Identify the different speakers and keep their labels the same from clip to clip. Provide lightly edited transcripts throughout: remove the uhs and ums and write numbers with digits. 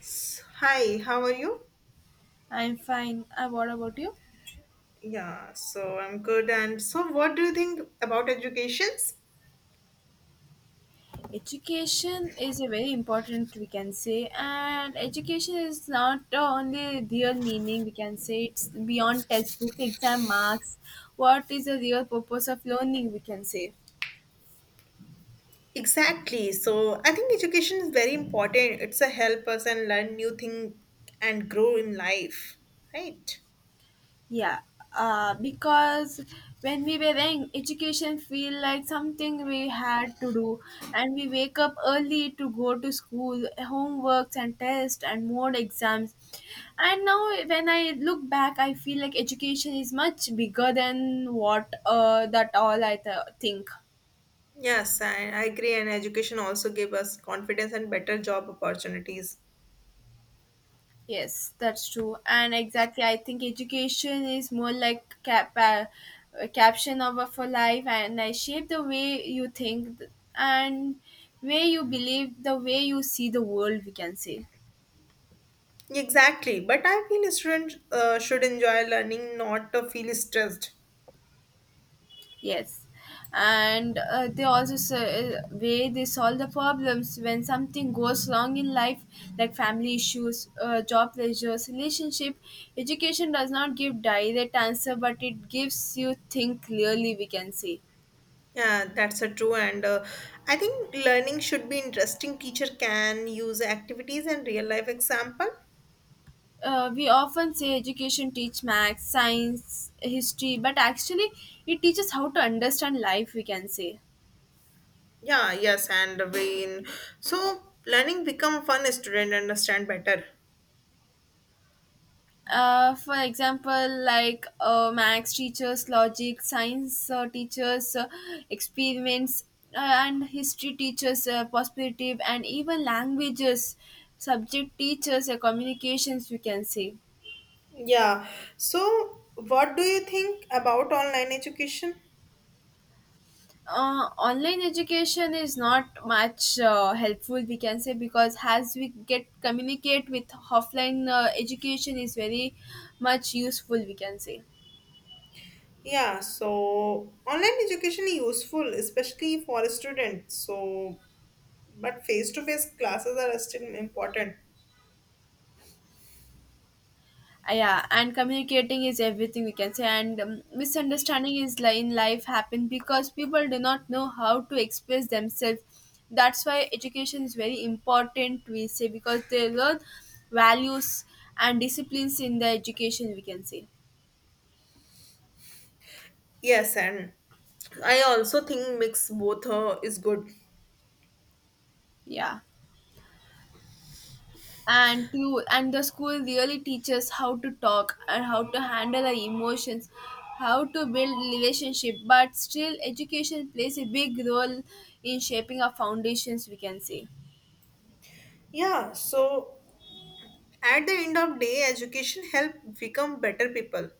Speaker 1: Hi, how are you?
Speaker 2: I'm fine. What about you?
Speaker 1: Yeah, so I'm good. And so, what do you think about educations?
Speaker 2: Education is a very important, we can say, and education is not only real meaning, we can say, it's beyond textbook exam marks. What is the real purpose of learning, we can say?
Speaker 1: Exactly. So, I think education is very important. It's a help us and learn new thing and grow in life, right?
Speaker 2: Yeah, because when we were young, education feel like something we had to do, and we wake up early to go to school, homeworks and tests and more exams. And now, when I look back, I feel like education is much bigger than what that all I think.
Speaker 1: Yes, I agree. And education also give us confidence and better job opportunities.
Speaker 2: Yes, that's true. And exactly, I think education is more like cap a caption of a for life, and I shape the way you think and way you believe, the way you see the world. We can say.
Speaker 1: Exactly. But I feel students should enjoy learning, not feel stressed.
Speaker 2: Yes, and they also say, way they solve the problems when something goes wrong in life, like family issues, job pressures, relationship. Education does not give direct answer, but it gives you think clearly. We can say.
Speaker 1: Yeah, that's a true. And I think learning should be interesting. Teacher can use activities and real life example.
Speaker 2: We often say education teach math science history, but actually it teaches how to understand life, we can say.
Speaker 1: Yeah, yes, and when so learning become fun, student understand better.
Speaker 2: For example like max teachers logic science, teachers experiments, and history teachers perspective, and even languages subject teachers communications, we can say.
Speaker 1: Yeah. So, what do you think about online education?
Speaker 2: Online education is not much helpful, we can say, because as we get communicate with offline education is very much useful, we can say.
Speaker 1: Yeah, so online education is useful, especially for students. So, but face to face classes are still important.
Speaker 2: Yeah, and communicating is everything, we can say, and misunderstanding in life happen because people do not know how to express themselves. That's why education is very important, we say, because they learn values and disciplines in the education, we can say.
Speaker 1: Yes, and I also think mix both is good.
Speaker 2: Yeah, and you and the school really teaches how to talk and how to handle our emotions, how to build relationship, but still education plays a big role in shaping our foundations, we can say.
Speaker 1: Yeah, so at the end of day, education help become better people.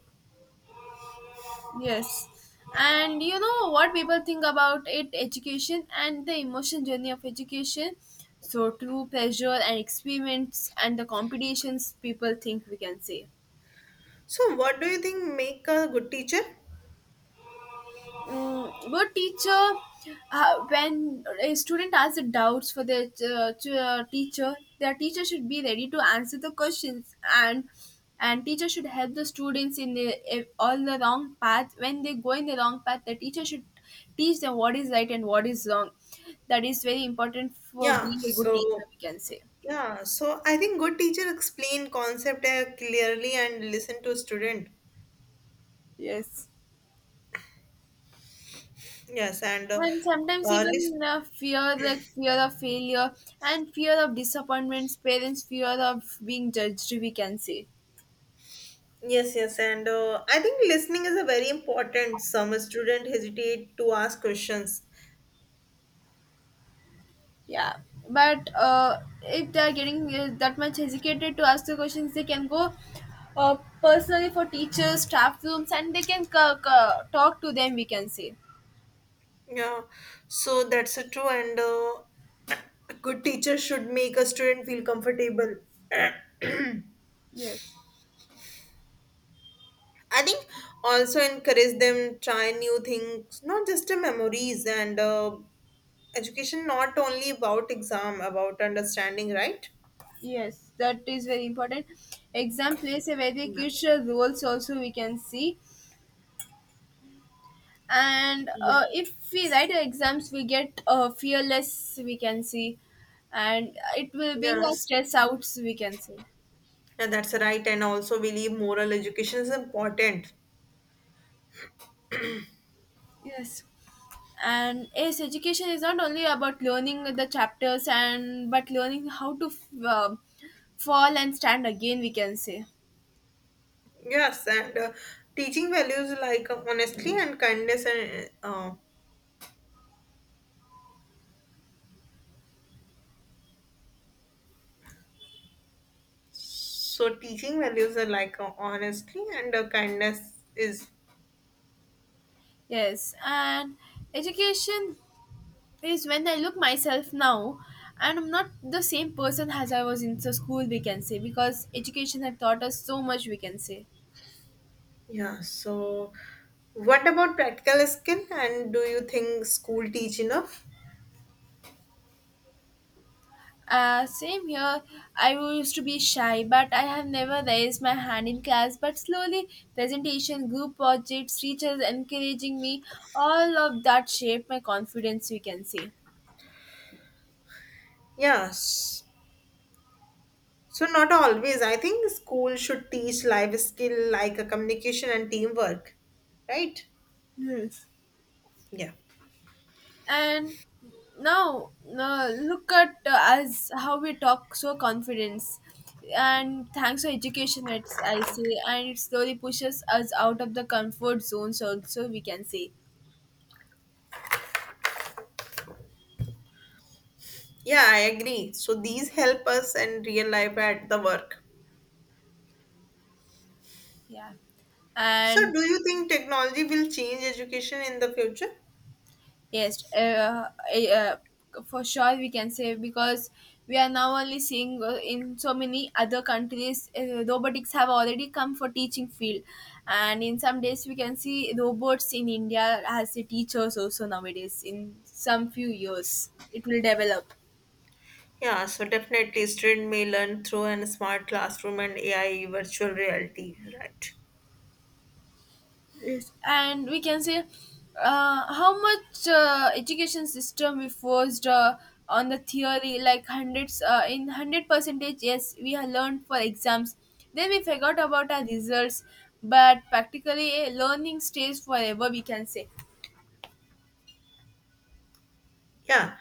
Speaker 2: Yes, and you know what people think about it, education and the emotion journey of education, so through pressure and experiments and the competitions people think, we can say.
Speaker 1: So what do you think make a good teacher?
Speaker 2: Mm, good teacher, when a student has the doubts for their teacher, their teacher should be ready to answer the questions. And teacher should help the students in the, if all the wrong path, when they go in the wrong path the teacher should teach them what is right and what is wrong. That is very important for
Speaker 1: Yeah,
Speaker 2: being a good teacher,
Speaker 1: so
Speaker 2: we can say.
Speaker 1: yeah, so I think good teacher explain concept clearly and listen to student.
Speaker 2: Yes.
Speaker 1: Yes, and
Speaker 2: And sometimes
Speaker 1: listen.
Speaker 2: even fear, like fear of failure and fear of disappointments, parents, fear of being judged, we can say.
Speaker 1: Yes, yes, and I think listening is a very important. Some student hesitate to ask questions.
Speaker 2: Yeah, but if they are getting that much hesitated to ask the questions, they can go uh, personally for teachers staff rooms and they can talk to them, we can say.
Speaker 1: Yeah, so that's a true, and a good teacher should make a student feel comfortable.
Speaker 2: Yes.
Speaker 1: I think also encourage them try new things, not just the memories and education. Not only about exam, about understanding, right?
Speaker 2: Yes, that is very important. Exam plays a very
Speaker 1: Yeah.
Speaker 2: crucial roles also, we can see. And
Speaker 1: Yeah.
Speaker 2: if we write the exams we get fearless, we can see. And it will bring us
Speaker 1: Yes.
Speaker 2: stress out, we can see.
Speaker 1: Yeah, that's right. And also, believe moral education is important.
Speaker 2: Yes. And yes, education is not only about learning the chapters and but learning how to fall and stand again, we can say.
Speaker 1: Yes, and teaching values like honestly and kindness and so teaching values are like honestly and kindness is.
Speaker 2: Yes, and education is when I look myself now, and I'm not the same person as I was in the school, we can say, because education had taught us so much, we can say.
Speaker 1: Yeah, so what about practical skill and do you think school teach enough?
Speaker 2: Same here. I used to be shy, but I have never raised my hand in class. But slowly, presentation, group projects, teachers encouraging me, all of that shaped my confidence, we can say.
Speaker 1: Yes. So not always. I think school should teach life skill like a communication and teamwork, right? Yeah.
Speaker 2: And now, look at us, how we talk so confidence. And thanks to education, it's, I say, and it slowly pushes us out of the comfort zones, also, we can say.
Speaker 1: Yeah, I agree. So these help us in real life at the work.
Speaker 2: Yeah,
Speaker 1: So
Speaker 2: and
Speaker 1: do you think technology will change education in the future?
Speaker 2: yes, uh, for sure, we can say, because we are now only seeing in so many other countries robotics have already come for teaching field, and in some days we can see robots in India as the teachers also nowadays. In some few years, it will develop.
Speaker 1: Yeah, so definitely student may learn through an smart classroom and AI virtual reality, right?
Speaker 2: Yes, and we can say how much education system we forced on the theory, like hundreds in hundred percentage. Yes, we have learned for exams. Then we forgot about our results, but practically learning stays forever. We can say,
Speaker 1: Yeah.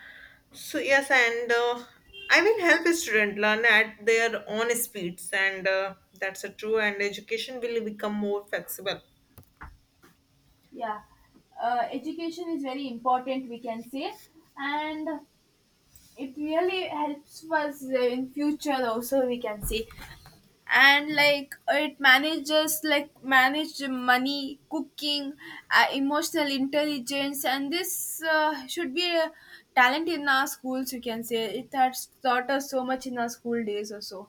Speaker 1: So yes, and I will help a student learn at their own speeds, and that's a true. And education will become more flexible.
Speaker 2: yeah, education is very important. We can say, and it really helps us in future also. We can say, and like it manages, like manage money, cooking, emotional intelligence, and this should be a talent in our schools, you can say. It has taught us so much in our school days or so.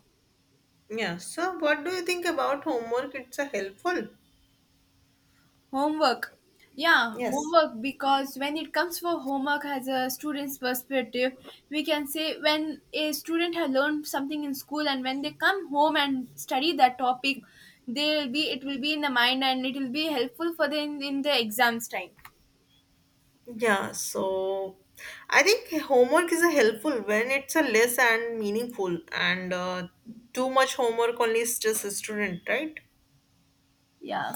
Speaker 1: Yeah. So what do you think about homework? It's a helpful.
Speaker 2: Homework. Yeah,
Speaker 1: Yes.
Speaker 2: homework, because when it comes for homework as a student's perspective, we can say when a student has learned something in school and when they come home and study that topic, they'll be it will be in the mind and it will be helpful for them in the exams time.
Speaker 1: Yeah. So I think homework is a helpful when it's a less and meaningful, and too much homework only stress a student, right?
Speaker 2: Yeah.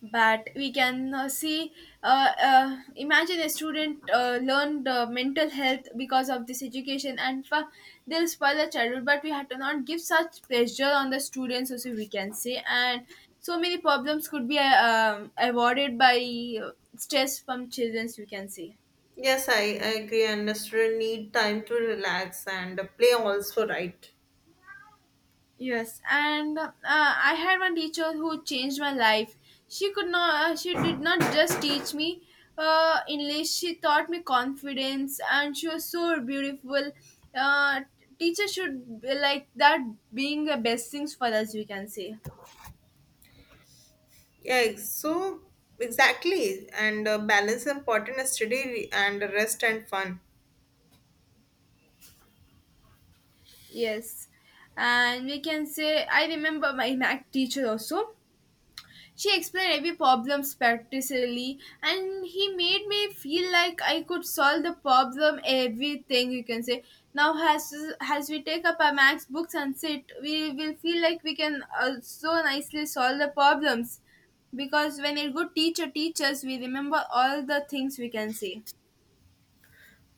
Speaker 2: But we can see, imagine a student learned mental health because of this education and they'll spoil the childhood, but we have to not give such pressure on the students also, we can say, and so many problems could be avoided by stress from children, we can say.
Speaker 1: Yes, I agree. And a student need time to relax and play also, right?
Speaker 2: Yes, and I had one teacher who changed my life. She could not. She did not just teach me English. She taught me confidence, and she was so beautiful. Uh, Teacher should be like that, being the best things for us. We can say
Speaker 1: So exactly, and balance is important as study and rest and fun.
Speaker 2: yes, and we can say I remember my math teacher also. She explained every problem practically, and he made me feel like I could solve the problem, everything, you can say. Now, as we take up our max books and sit, we will feel like we can so nicely solve the problems. Because when a good teacher teaches, we remember all the things, we can say.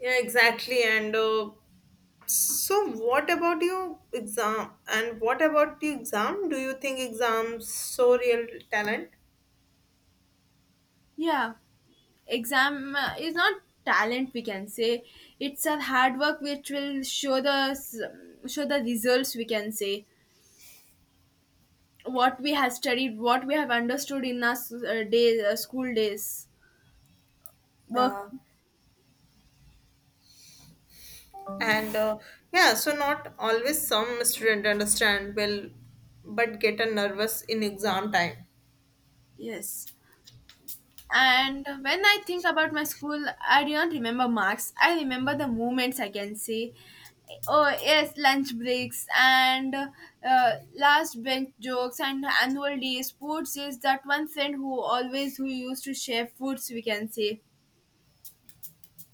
Speaker 1: Yeah, exactly, and so what about your exam? And what about the exam? Do you think exams show real talent?
Speaker 2: Yeah, exam is not talent, we can say. It's a hard work which will show the show the results, we can say, what we have studied, what we have understood in our s- day school days work.
Speaker 1: Yeah, and yeah, so not always some student understand well, but get a nervous in exam time.
Speaker 2: Yes, and when I think about my school I do not remember marks, I remember the moments, I can say. Oh yes, lunch breaks and last bench jokes and annual day sports, is that one friend who always who used to share foods, we can say.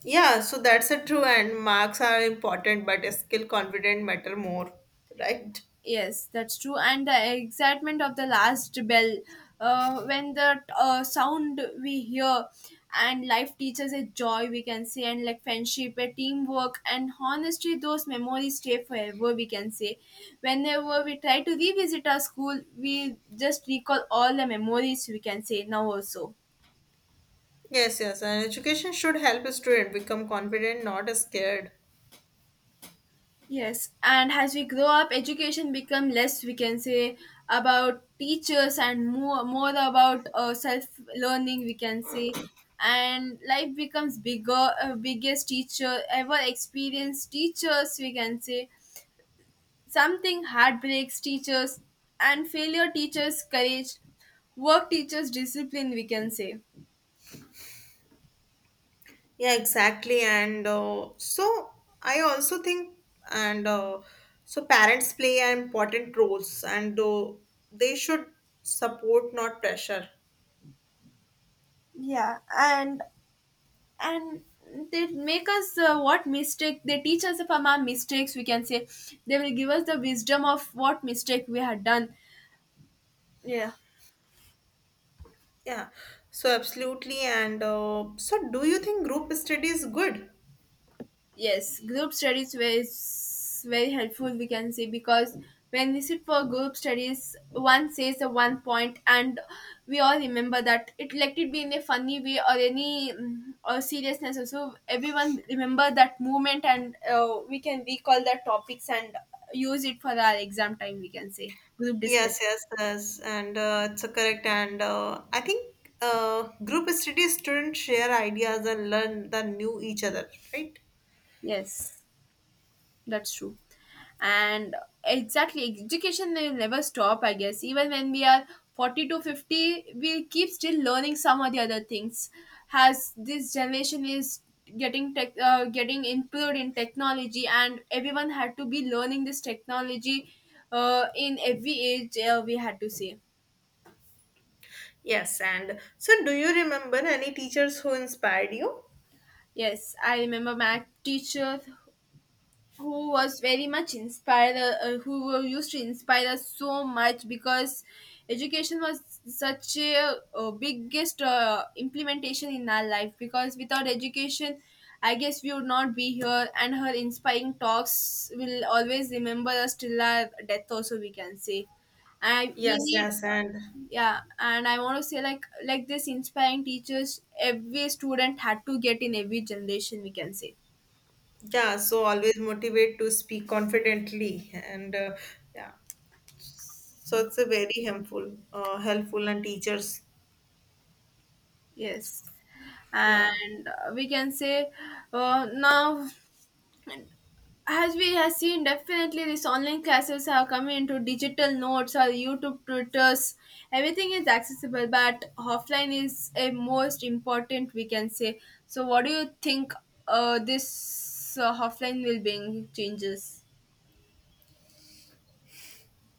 Speaker 1: Yeah, so that's a true, and marks are important, but skill confident matter more, right?
Speaker 2: Yes, that's true. And the excitement of the last bell, when the sound we hear, and life teaches a joy, we can say, and like friendship, a teamwork, and honestly, those memories stay forever. We can say, whenever we try to revisit our school, we just recall all the memories, we can say now also.
Speaker 1: Yes, yes, and education should help a student become confident, not scared.
Speaker 2: Yes, and as we grow up, education become less, we can say, about teachers and more, more about self-learning, we can say. And life becomes bigger, biggest teacher ever experienced teachers, we can say. Something heartbreaks teachers and failure teachers courage, work teachers discipline, we can say.
Speaker 1: Yeah, exactly. And I also think, and so parents play an important roles, and they should support, not pressure.
Speaker 2: Yeah, and and they make us what mistake they teach us from our mistakes, we can say. They will give us the wisdom of what mistake we had done. Yeah.
Speaker 1: Yeah, so absolutely. And so, do you think group study is good?
Speaker 2: Yes, group studies was very helpful, we can say, because when we sit for group studies, one says a one point, and we all remember that. It let it be in a funny way or any or seriousness. Also, everyone remember that moment, and we can recall the topics and use it for our exam time. We can say group discussion.
Speaker 1: Yes, yes, yes, and it's a correct. And I think group study students share ideas and learn the new each other, right?
Speaker 2: Yes. That's true. And exactly, education will never stop, I guess. Even when we are 40 to 50, we keep still learning some of the other things. Has this generation is getting improved in technology, and everyone had to be learning this technology in every age, we had to say.
Speaker 1: Yes, and so do you remember any teachers who inspired you?
Speaker 2: Yes, I remember my teacher who was very much inspired who were used to inspire us so much because education was such a biggest implementation in our life because without education I guess we would not be here, and her inspiring talks will always remember us till our death also, we can say, and we
Speaker 1: Yes,
Speaker 2: need
Speaker 1: yes, and
Speaker 2: yeah, and I want to say like this inspiring teachers every student had to get in every generation, we can say.
Speaker 1: yeah, so always motivate to speak confidently, and yeah, so it's a very helpful, helpful, and teachers,
Speaker 2: Yes,
Speaker 1: yeah,
Speaker 2: and we can say, now, as we have seen, definitely these online classes are coming into digital notes or YouTube tutors. Everything is accessible, but offline is a most important, we can say. So what do you think, this offline will bring changes?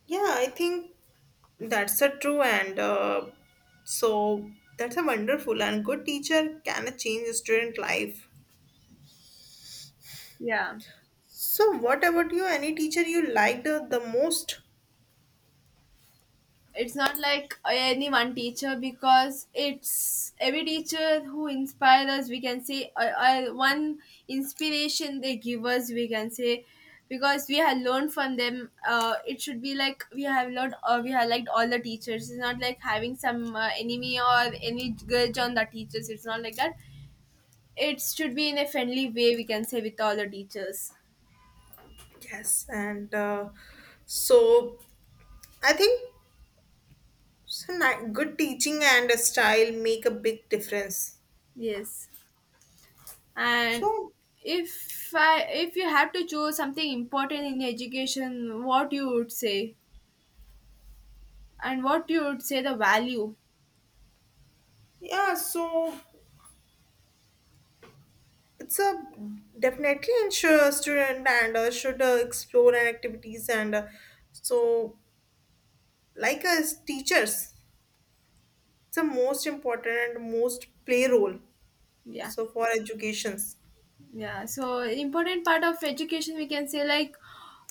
Speaker 1: yeah, I think that's a true, and so that's a wonderful and good teacher can change a student life.
Speaker 2: Yeah,
Speaker 1: So, what about you? Any teacher you liked the most?
Speaker 2: it's not like any one teacher, because it's every teacher who inspires us, we can say, one inspiration they give us, we can say, because we have learned from them. It should be like we have learned, we have liked all the teachers. It's not like having some enemy or any grudge on the teachers. It's not like that. It should be in a friendly way, we can say, with all the teachers.
Speaker 1: Yes, and so I think some good teaching and a style make a big difference.
Speaker 2: Yes. And
Speaker 1: So
Speaker 2: if you have to choose something important in education, what you would say, and what you would say the value?
Speaker 1: yeah, so it's a definitely ensure student and should explore and activities and so like as teachers, it's the most important and most play role.
Speaker 2: Yeah,
Speaker 1: So for educations,
Speaker 2: yeah. So important part of education, we can say, like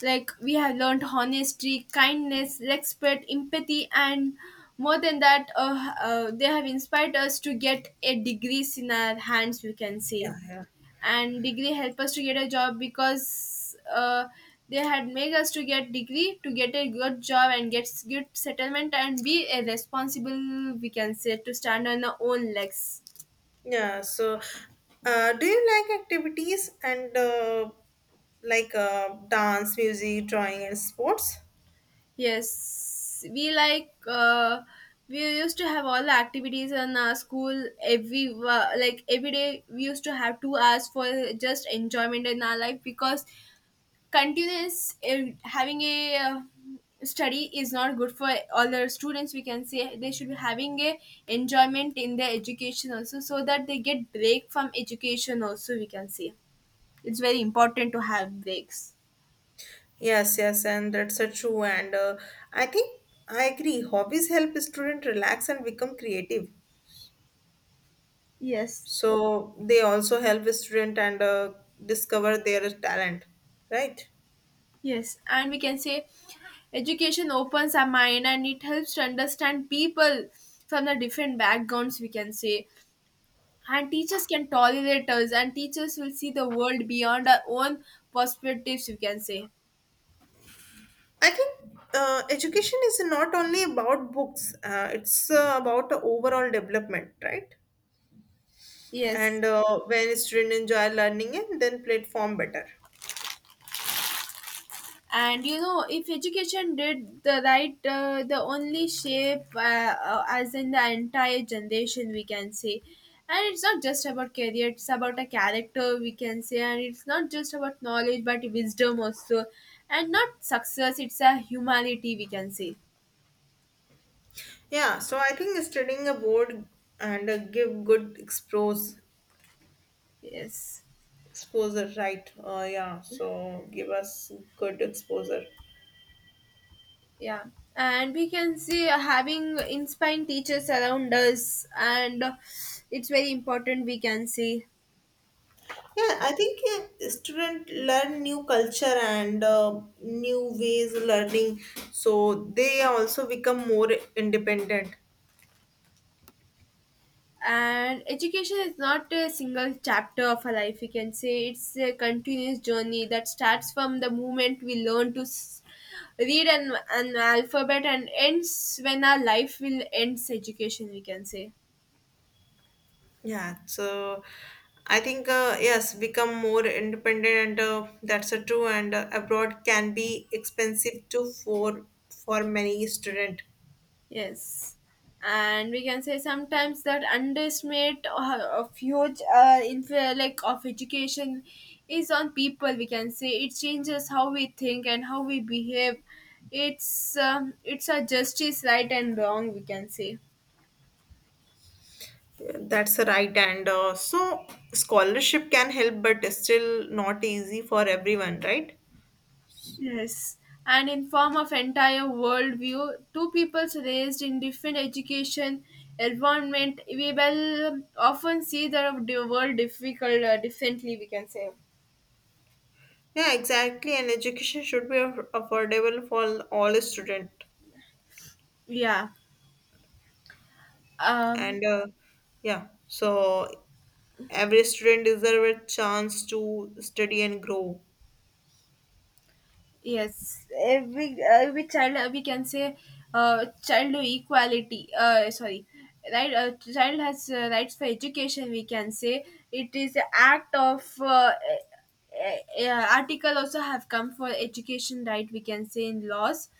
Speaker 2: like we have learned honesty, kindness, respect, empathy, and more than that, they have inspired us to get a degrees in our hands, we can say. And degree help us to get a job, because they had make us to get degree to get a good job and get good settlement and be a responsible, we can say, to stand on our own legs.
Speaker 1: yeah. So do you like activities and like dance, music, drawing, and sports?
Speaker 2: Yes, we like, we used to have all the activities in our school every like every day we used to have 2 hours for just enjoyment in our life, because continuous having a study is not good for all the students, we can say. They should be having a enjoyment in their education also, so that they get break from education also, we can say. It's very important to have breaks.
Speaker 1: Yes, yes, and that's a true. And I think I agree. Hobbies help student relax and become creative.
Speaker 2: Yes,
Speaker 1: So they also help a student and discover their talent, right?
Speaker 2: yes, and we can say education opens our mind and it helps to understand people from the different backgrounds, we can say, and teachers can tolerate us, and teachers will see the world beyond our own perspectives, we can say.
Speaker 1: I think education is not only about books. It's about the overall development, right?
Speaker 2: Yes,
Speaker 1: And when student enjoy learning and then platform better.
Speaker 2: and you know, if education did the right, the only shape, as in the entire generation, we can say. And it's not just about career, it's about a character, we can say. And it's not just about knowledge, but wisdom also. And not success, it's a humanity, we can say.
Speaker 1: Yeah, so I think studying a board and give good explores.
Speaker 2: Yes.
Speaker 1: Exposure, right? Yeah. So give us good exposure.
Speaker 2: Yeah. And we can see having inspiring teachers around us, and it's very important, we can see.
Speaker 1: Yeah, I think yeah, student learn new culture and new ways of learning, so they also become more independent.
Speaker 2: And education is not a single chapter of a life, we can say. It's a continuous journey that starts from the moment we learn to read an alphabet and ends when our life will ends education, we can say.
Speaker 1: Yeah, so I think yes, become more independent and that's a true. And abroad can be expensive too for many student.
Speaker 2: Yes, and we can say sometimes that underestimate of huge like of education is on people. We can say it changes how we think and how we behave. It's a justice, right and wrong, we can say.
Speaker 1: That's right, and so scholarship can help, but it's still not easy for everyone, right?
Speaker 2: Yes, and in form of entire worldview, two peoples raised in different education environment, we will often see the world difficult differently, we can say.
Speaker 1: Yeah, exactly. And education should be affordable for all students.
Speaker 2: Yeah. Um.
Speaker 1: And yeah, so every student deserves a chance to study and grow.
Speaker 2: Yes, every child, we can say, child equality, sorry, right, child has rights for education, we can say. It is an act of, uh, article also have come for education right, we can say, in laws,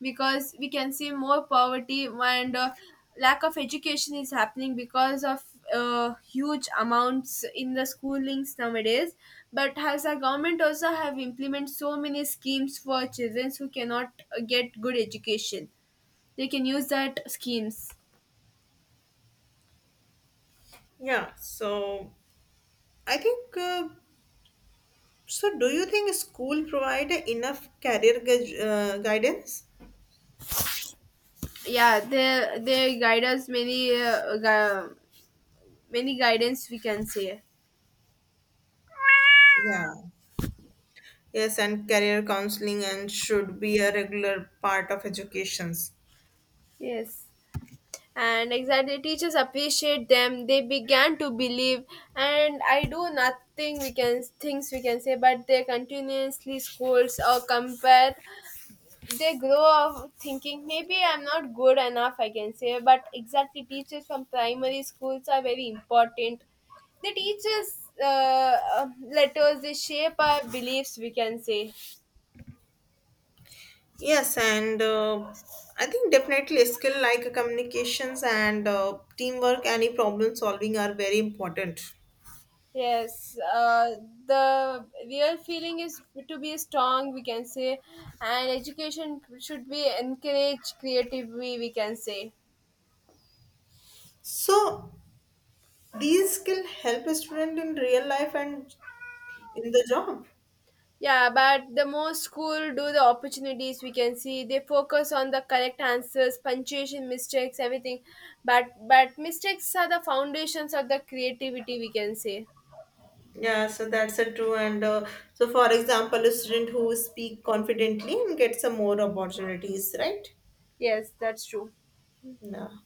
Speaker 2: because we can see more poverty and lack of education is happening because of huge amounts in the schoolings nowadays, but has our government also have implement so many schemes for children who cannot get good education, they can use that schemes.
Speaker 1: Yeah, so I think so. Do you think school provide enough career guidance?
Speaker 2: Yeah, they guide us many, many guidance, we can say.
Speaker 1: Yeah. Yes, and career counseling and should be a regular part of educations.
Speaker 2: Yes, and exactly teachers appreciate them, they began to believe, and I do nothing, we can things, we can say, but they continuously scolds or compare, they grow up thinking maybe I'm not good enough, I can say, but exactly teachers from primary schools are very important. They teach us, letters, they shape our beliefs, we can say.
Speaker 1: Yes, and I think definitely skill like communications and teamwork, any problem solving are very important.
Speaker 2: Yes, the real feeling is to be strong, we can say, and education should be encourage creatively, we can say.
Speaker 1: So these skill help a student in real life and in the job.
Speaker 2: Yeah, but the more school do the opportunities, we can see they focus on the correct answers, punctuation mistakes, everything. But mistakes are the foundations of the creativity, we can say.
Speaker 1: Yeah, so that's a true. And so, for example, a student who speak confidently and gets some more opportunities, right?
Speaker 2: Yes, that's true.
Speaker 1: No.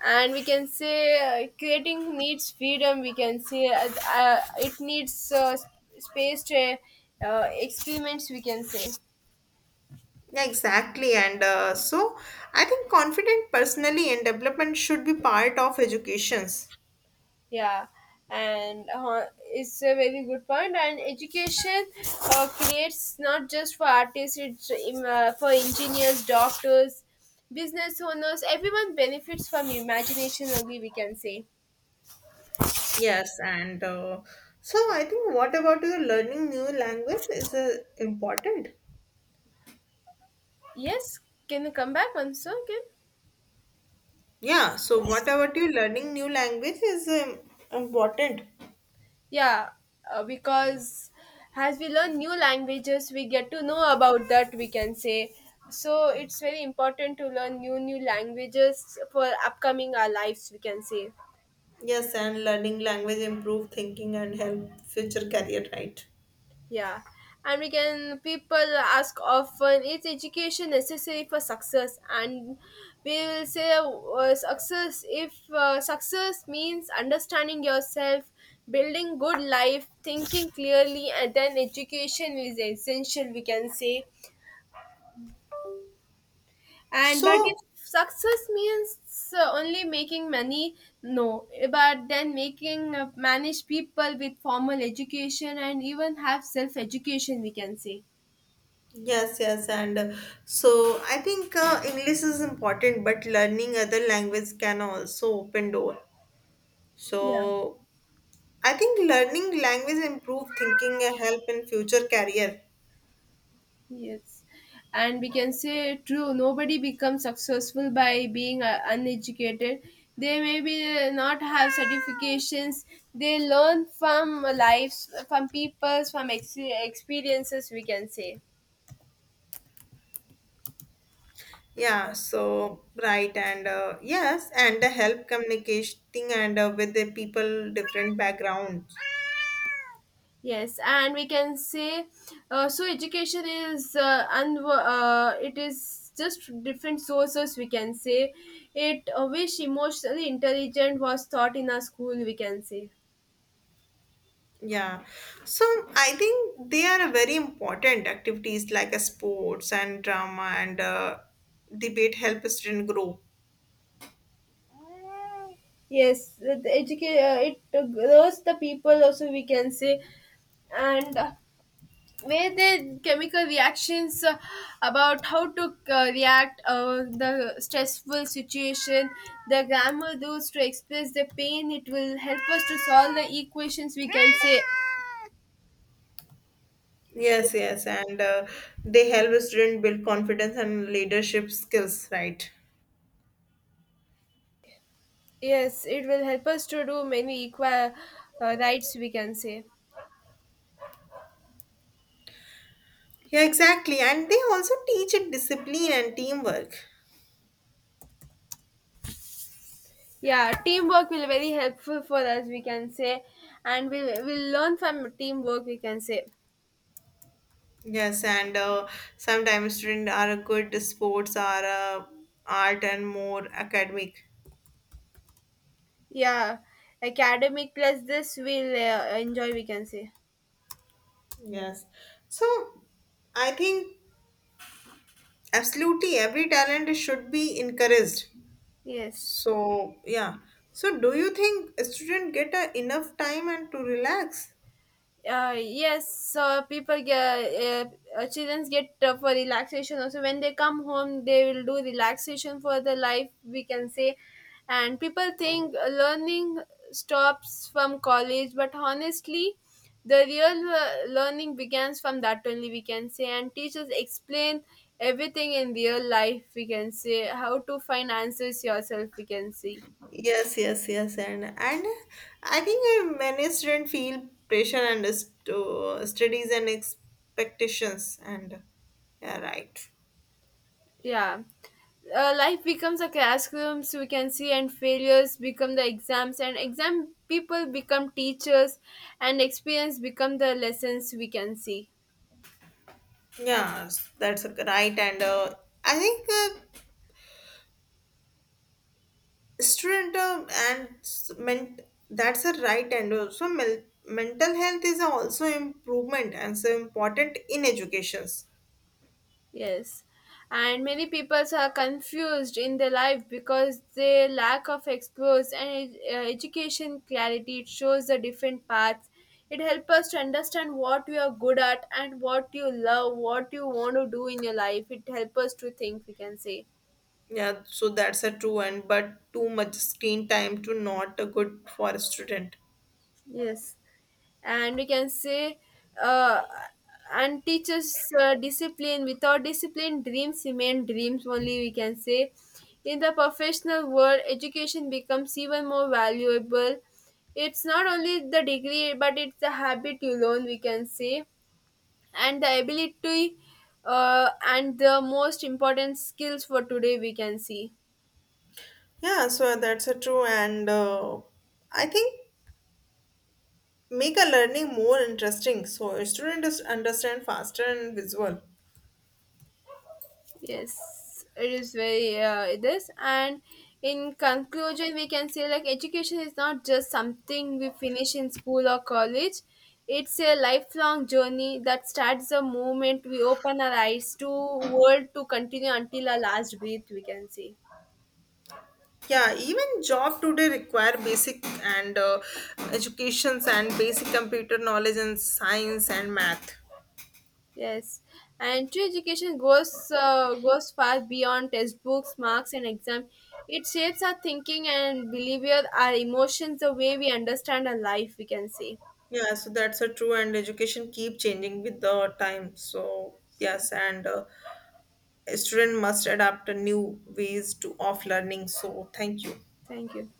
Speaker 2: And we can say, creating needs freedom, we can say, it needs space to experiments, we can say.
Speaker 1: Yeah, exactly. And so I think confident personally and development should be part of educations.
Speaker 2: Yeah, and it's a very good point. And education creates not just for artists, it's for engineers, doctors, business owners, everyone benefits from imagination only, we can say.
Speaker 1: Yes, and so I think what about you learning new language is important.
Speaker 2: Yes, can you come back once again?
Speaker 1: Yeah, so what about you learning new language is important.
Speaker 2: Yeah, because as we learn new languages, we get to know about that, we can say. So it's very important to learn new languages for upcoming our lives, we can say.
Speaker 1: Yes, and learning language improve thinking and help future career, right?
Speaker 2: Yeah. And we can people ask often, is education necessary for success? And we will say, success if success means understanding yourself, building good life, thinking clearly, and then education is essential, we can say. And but if
Speaker 1: So
Speaker 2: success means only making money, no. But then making, manage people with formal education and even have self education, we can say.
Speaker 1: yes, yes, and so I think English is important, but learning other language can also open door.
Speaker 2: Yeah.
Speaker 1: So I think learning language improve thinking, help in future career.
Speaker 2: Yes. And we can say true, nobody becomes successful by being uneducated. They maybe not have certifications. They learn from lives, from peoples, from experiences, we can say.
Speaker 1: Yeah, so right, and yes, and help communicating and with the people different backgrounds.
Speaker 2: Yes, and we can say, so education is, and it is just different sources, we can say, it, which emotionally intelligent was taught in our school, we can say.
Speaker 1: Yeah, so I think they are very important activities like sports and drama and debate help student grow.
Speaker 2: Yes, the educate it grows the people also, we can say, and made the chemical reactions, about how to react the stressful situation, the grammar rules to express the pain, it will help us to solve the equations, we can say.
Speaker 1: Yes, yes, and they help a student build confidence and leadership skills, right?
Speaker 2: Yes, it will help us to do many equal, rights, we can say.
Speaker 1: Yeah, exactly. And they also teach a discipline and teamwork.
Speaker 2: Yeah, teamwork will very helpful for us, we can say, and we will learn from teamwork, we can say.
Speaker 1: Yes, and sometimes students are good sports, are art, and more academic.
Speaker 2: Yeah, academic plus this we'll enjoy, we can say.
Speaker 1: Yes. So I think absolutely every talent should be encouraged.
Speaker 2: Yes,
Speaker 1: So yeah. So do you think a student get enough time and to relax?
Speaker 2: yes, so people get, children get, for relaxation also, when they come home they will do relaxation for the life, we can say. And people think, learning stops from college, but honestly the real learning begins from that only, we can say, and teachers explain everything in real life, we can say, how to find answers yourself, we can see.
Speaker 1: Yes, yes, yes, and I think I managed and feel pressure and studies and expectations and yeah, right.
Speaker 2: Yeah. Life becomes a classroom, so we can see, and failures become the exams, and exam people become teachers, and experience become the lessons, we can see.
Speaker 1: Yeah, that's right, and I think student and s- men- that's a right, and also mental health is also improvement and so important in educations.
Speaker 2: Yes. And many people are confused in their life because they lack of explores and, education clarity. It shows the different paths. It helps us to understand what you are good at and what you love, what you want to do in your life. It helps us to think, we can say.
Speaker 1: Yeah, so that's a true and but too much screen time to not a good for a student.
Speaker 2: Yes. And we can say, uh, and teaches discipline, without discipline dreams remain dreams only, we can say. In the professional world education becomes even more valuable. It's not only the degree, but it's the habit you learn, we can say, and the ability, and the most important skills for today, we can see.
Speaker 1: Yeah, so that's a true, and I think make a learning more interesting so a student is understand faster and visual.
Speaker 2: Yes, it is very this, and in conclusion we can say, like, education is not just something we finish in school or college. It's a lifelong journey that starts the moment we open our eyes to world, to continue until our last breath, we can say.
Speaker 1: Yeah, even job today require basic and educations and basic computer knowledge and science and math.
Speaker 2: Yes. And true education goes, goes far beyond textbooks, marks and exam. It shapes our thinking and behavior, our emotions, the way we understand our life, we can say.
Speaker 1: Yeah, so that's a true, and education keep changing with the time. So
Speaker 2: So
Speaker 1: yes, and a student must adapt a new ways to of learning. So thank you.
Speaker 2: thank you.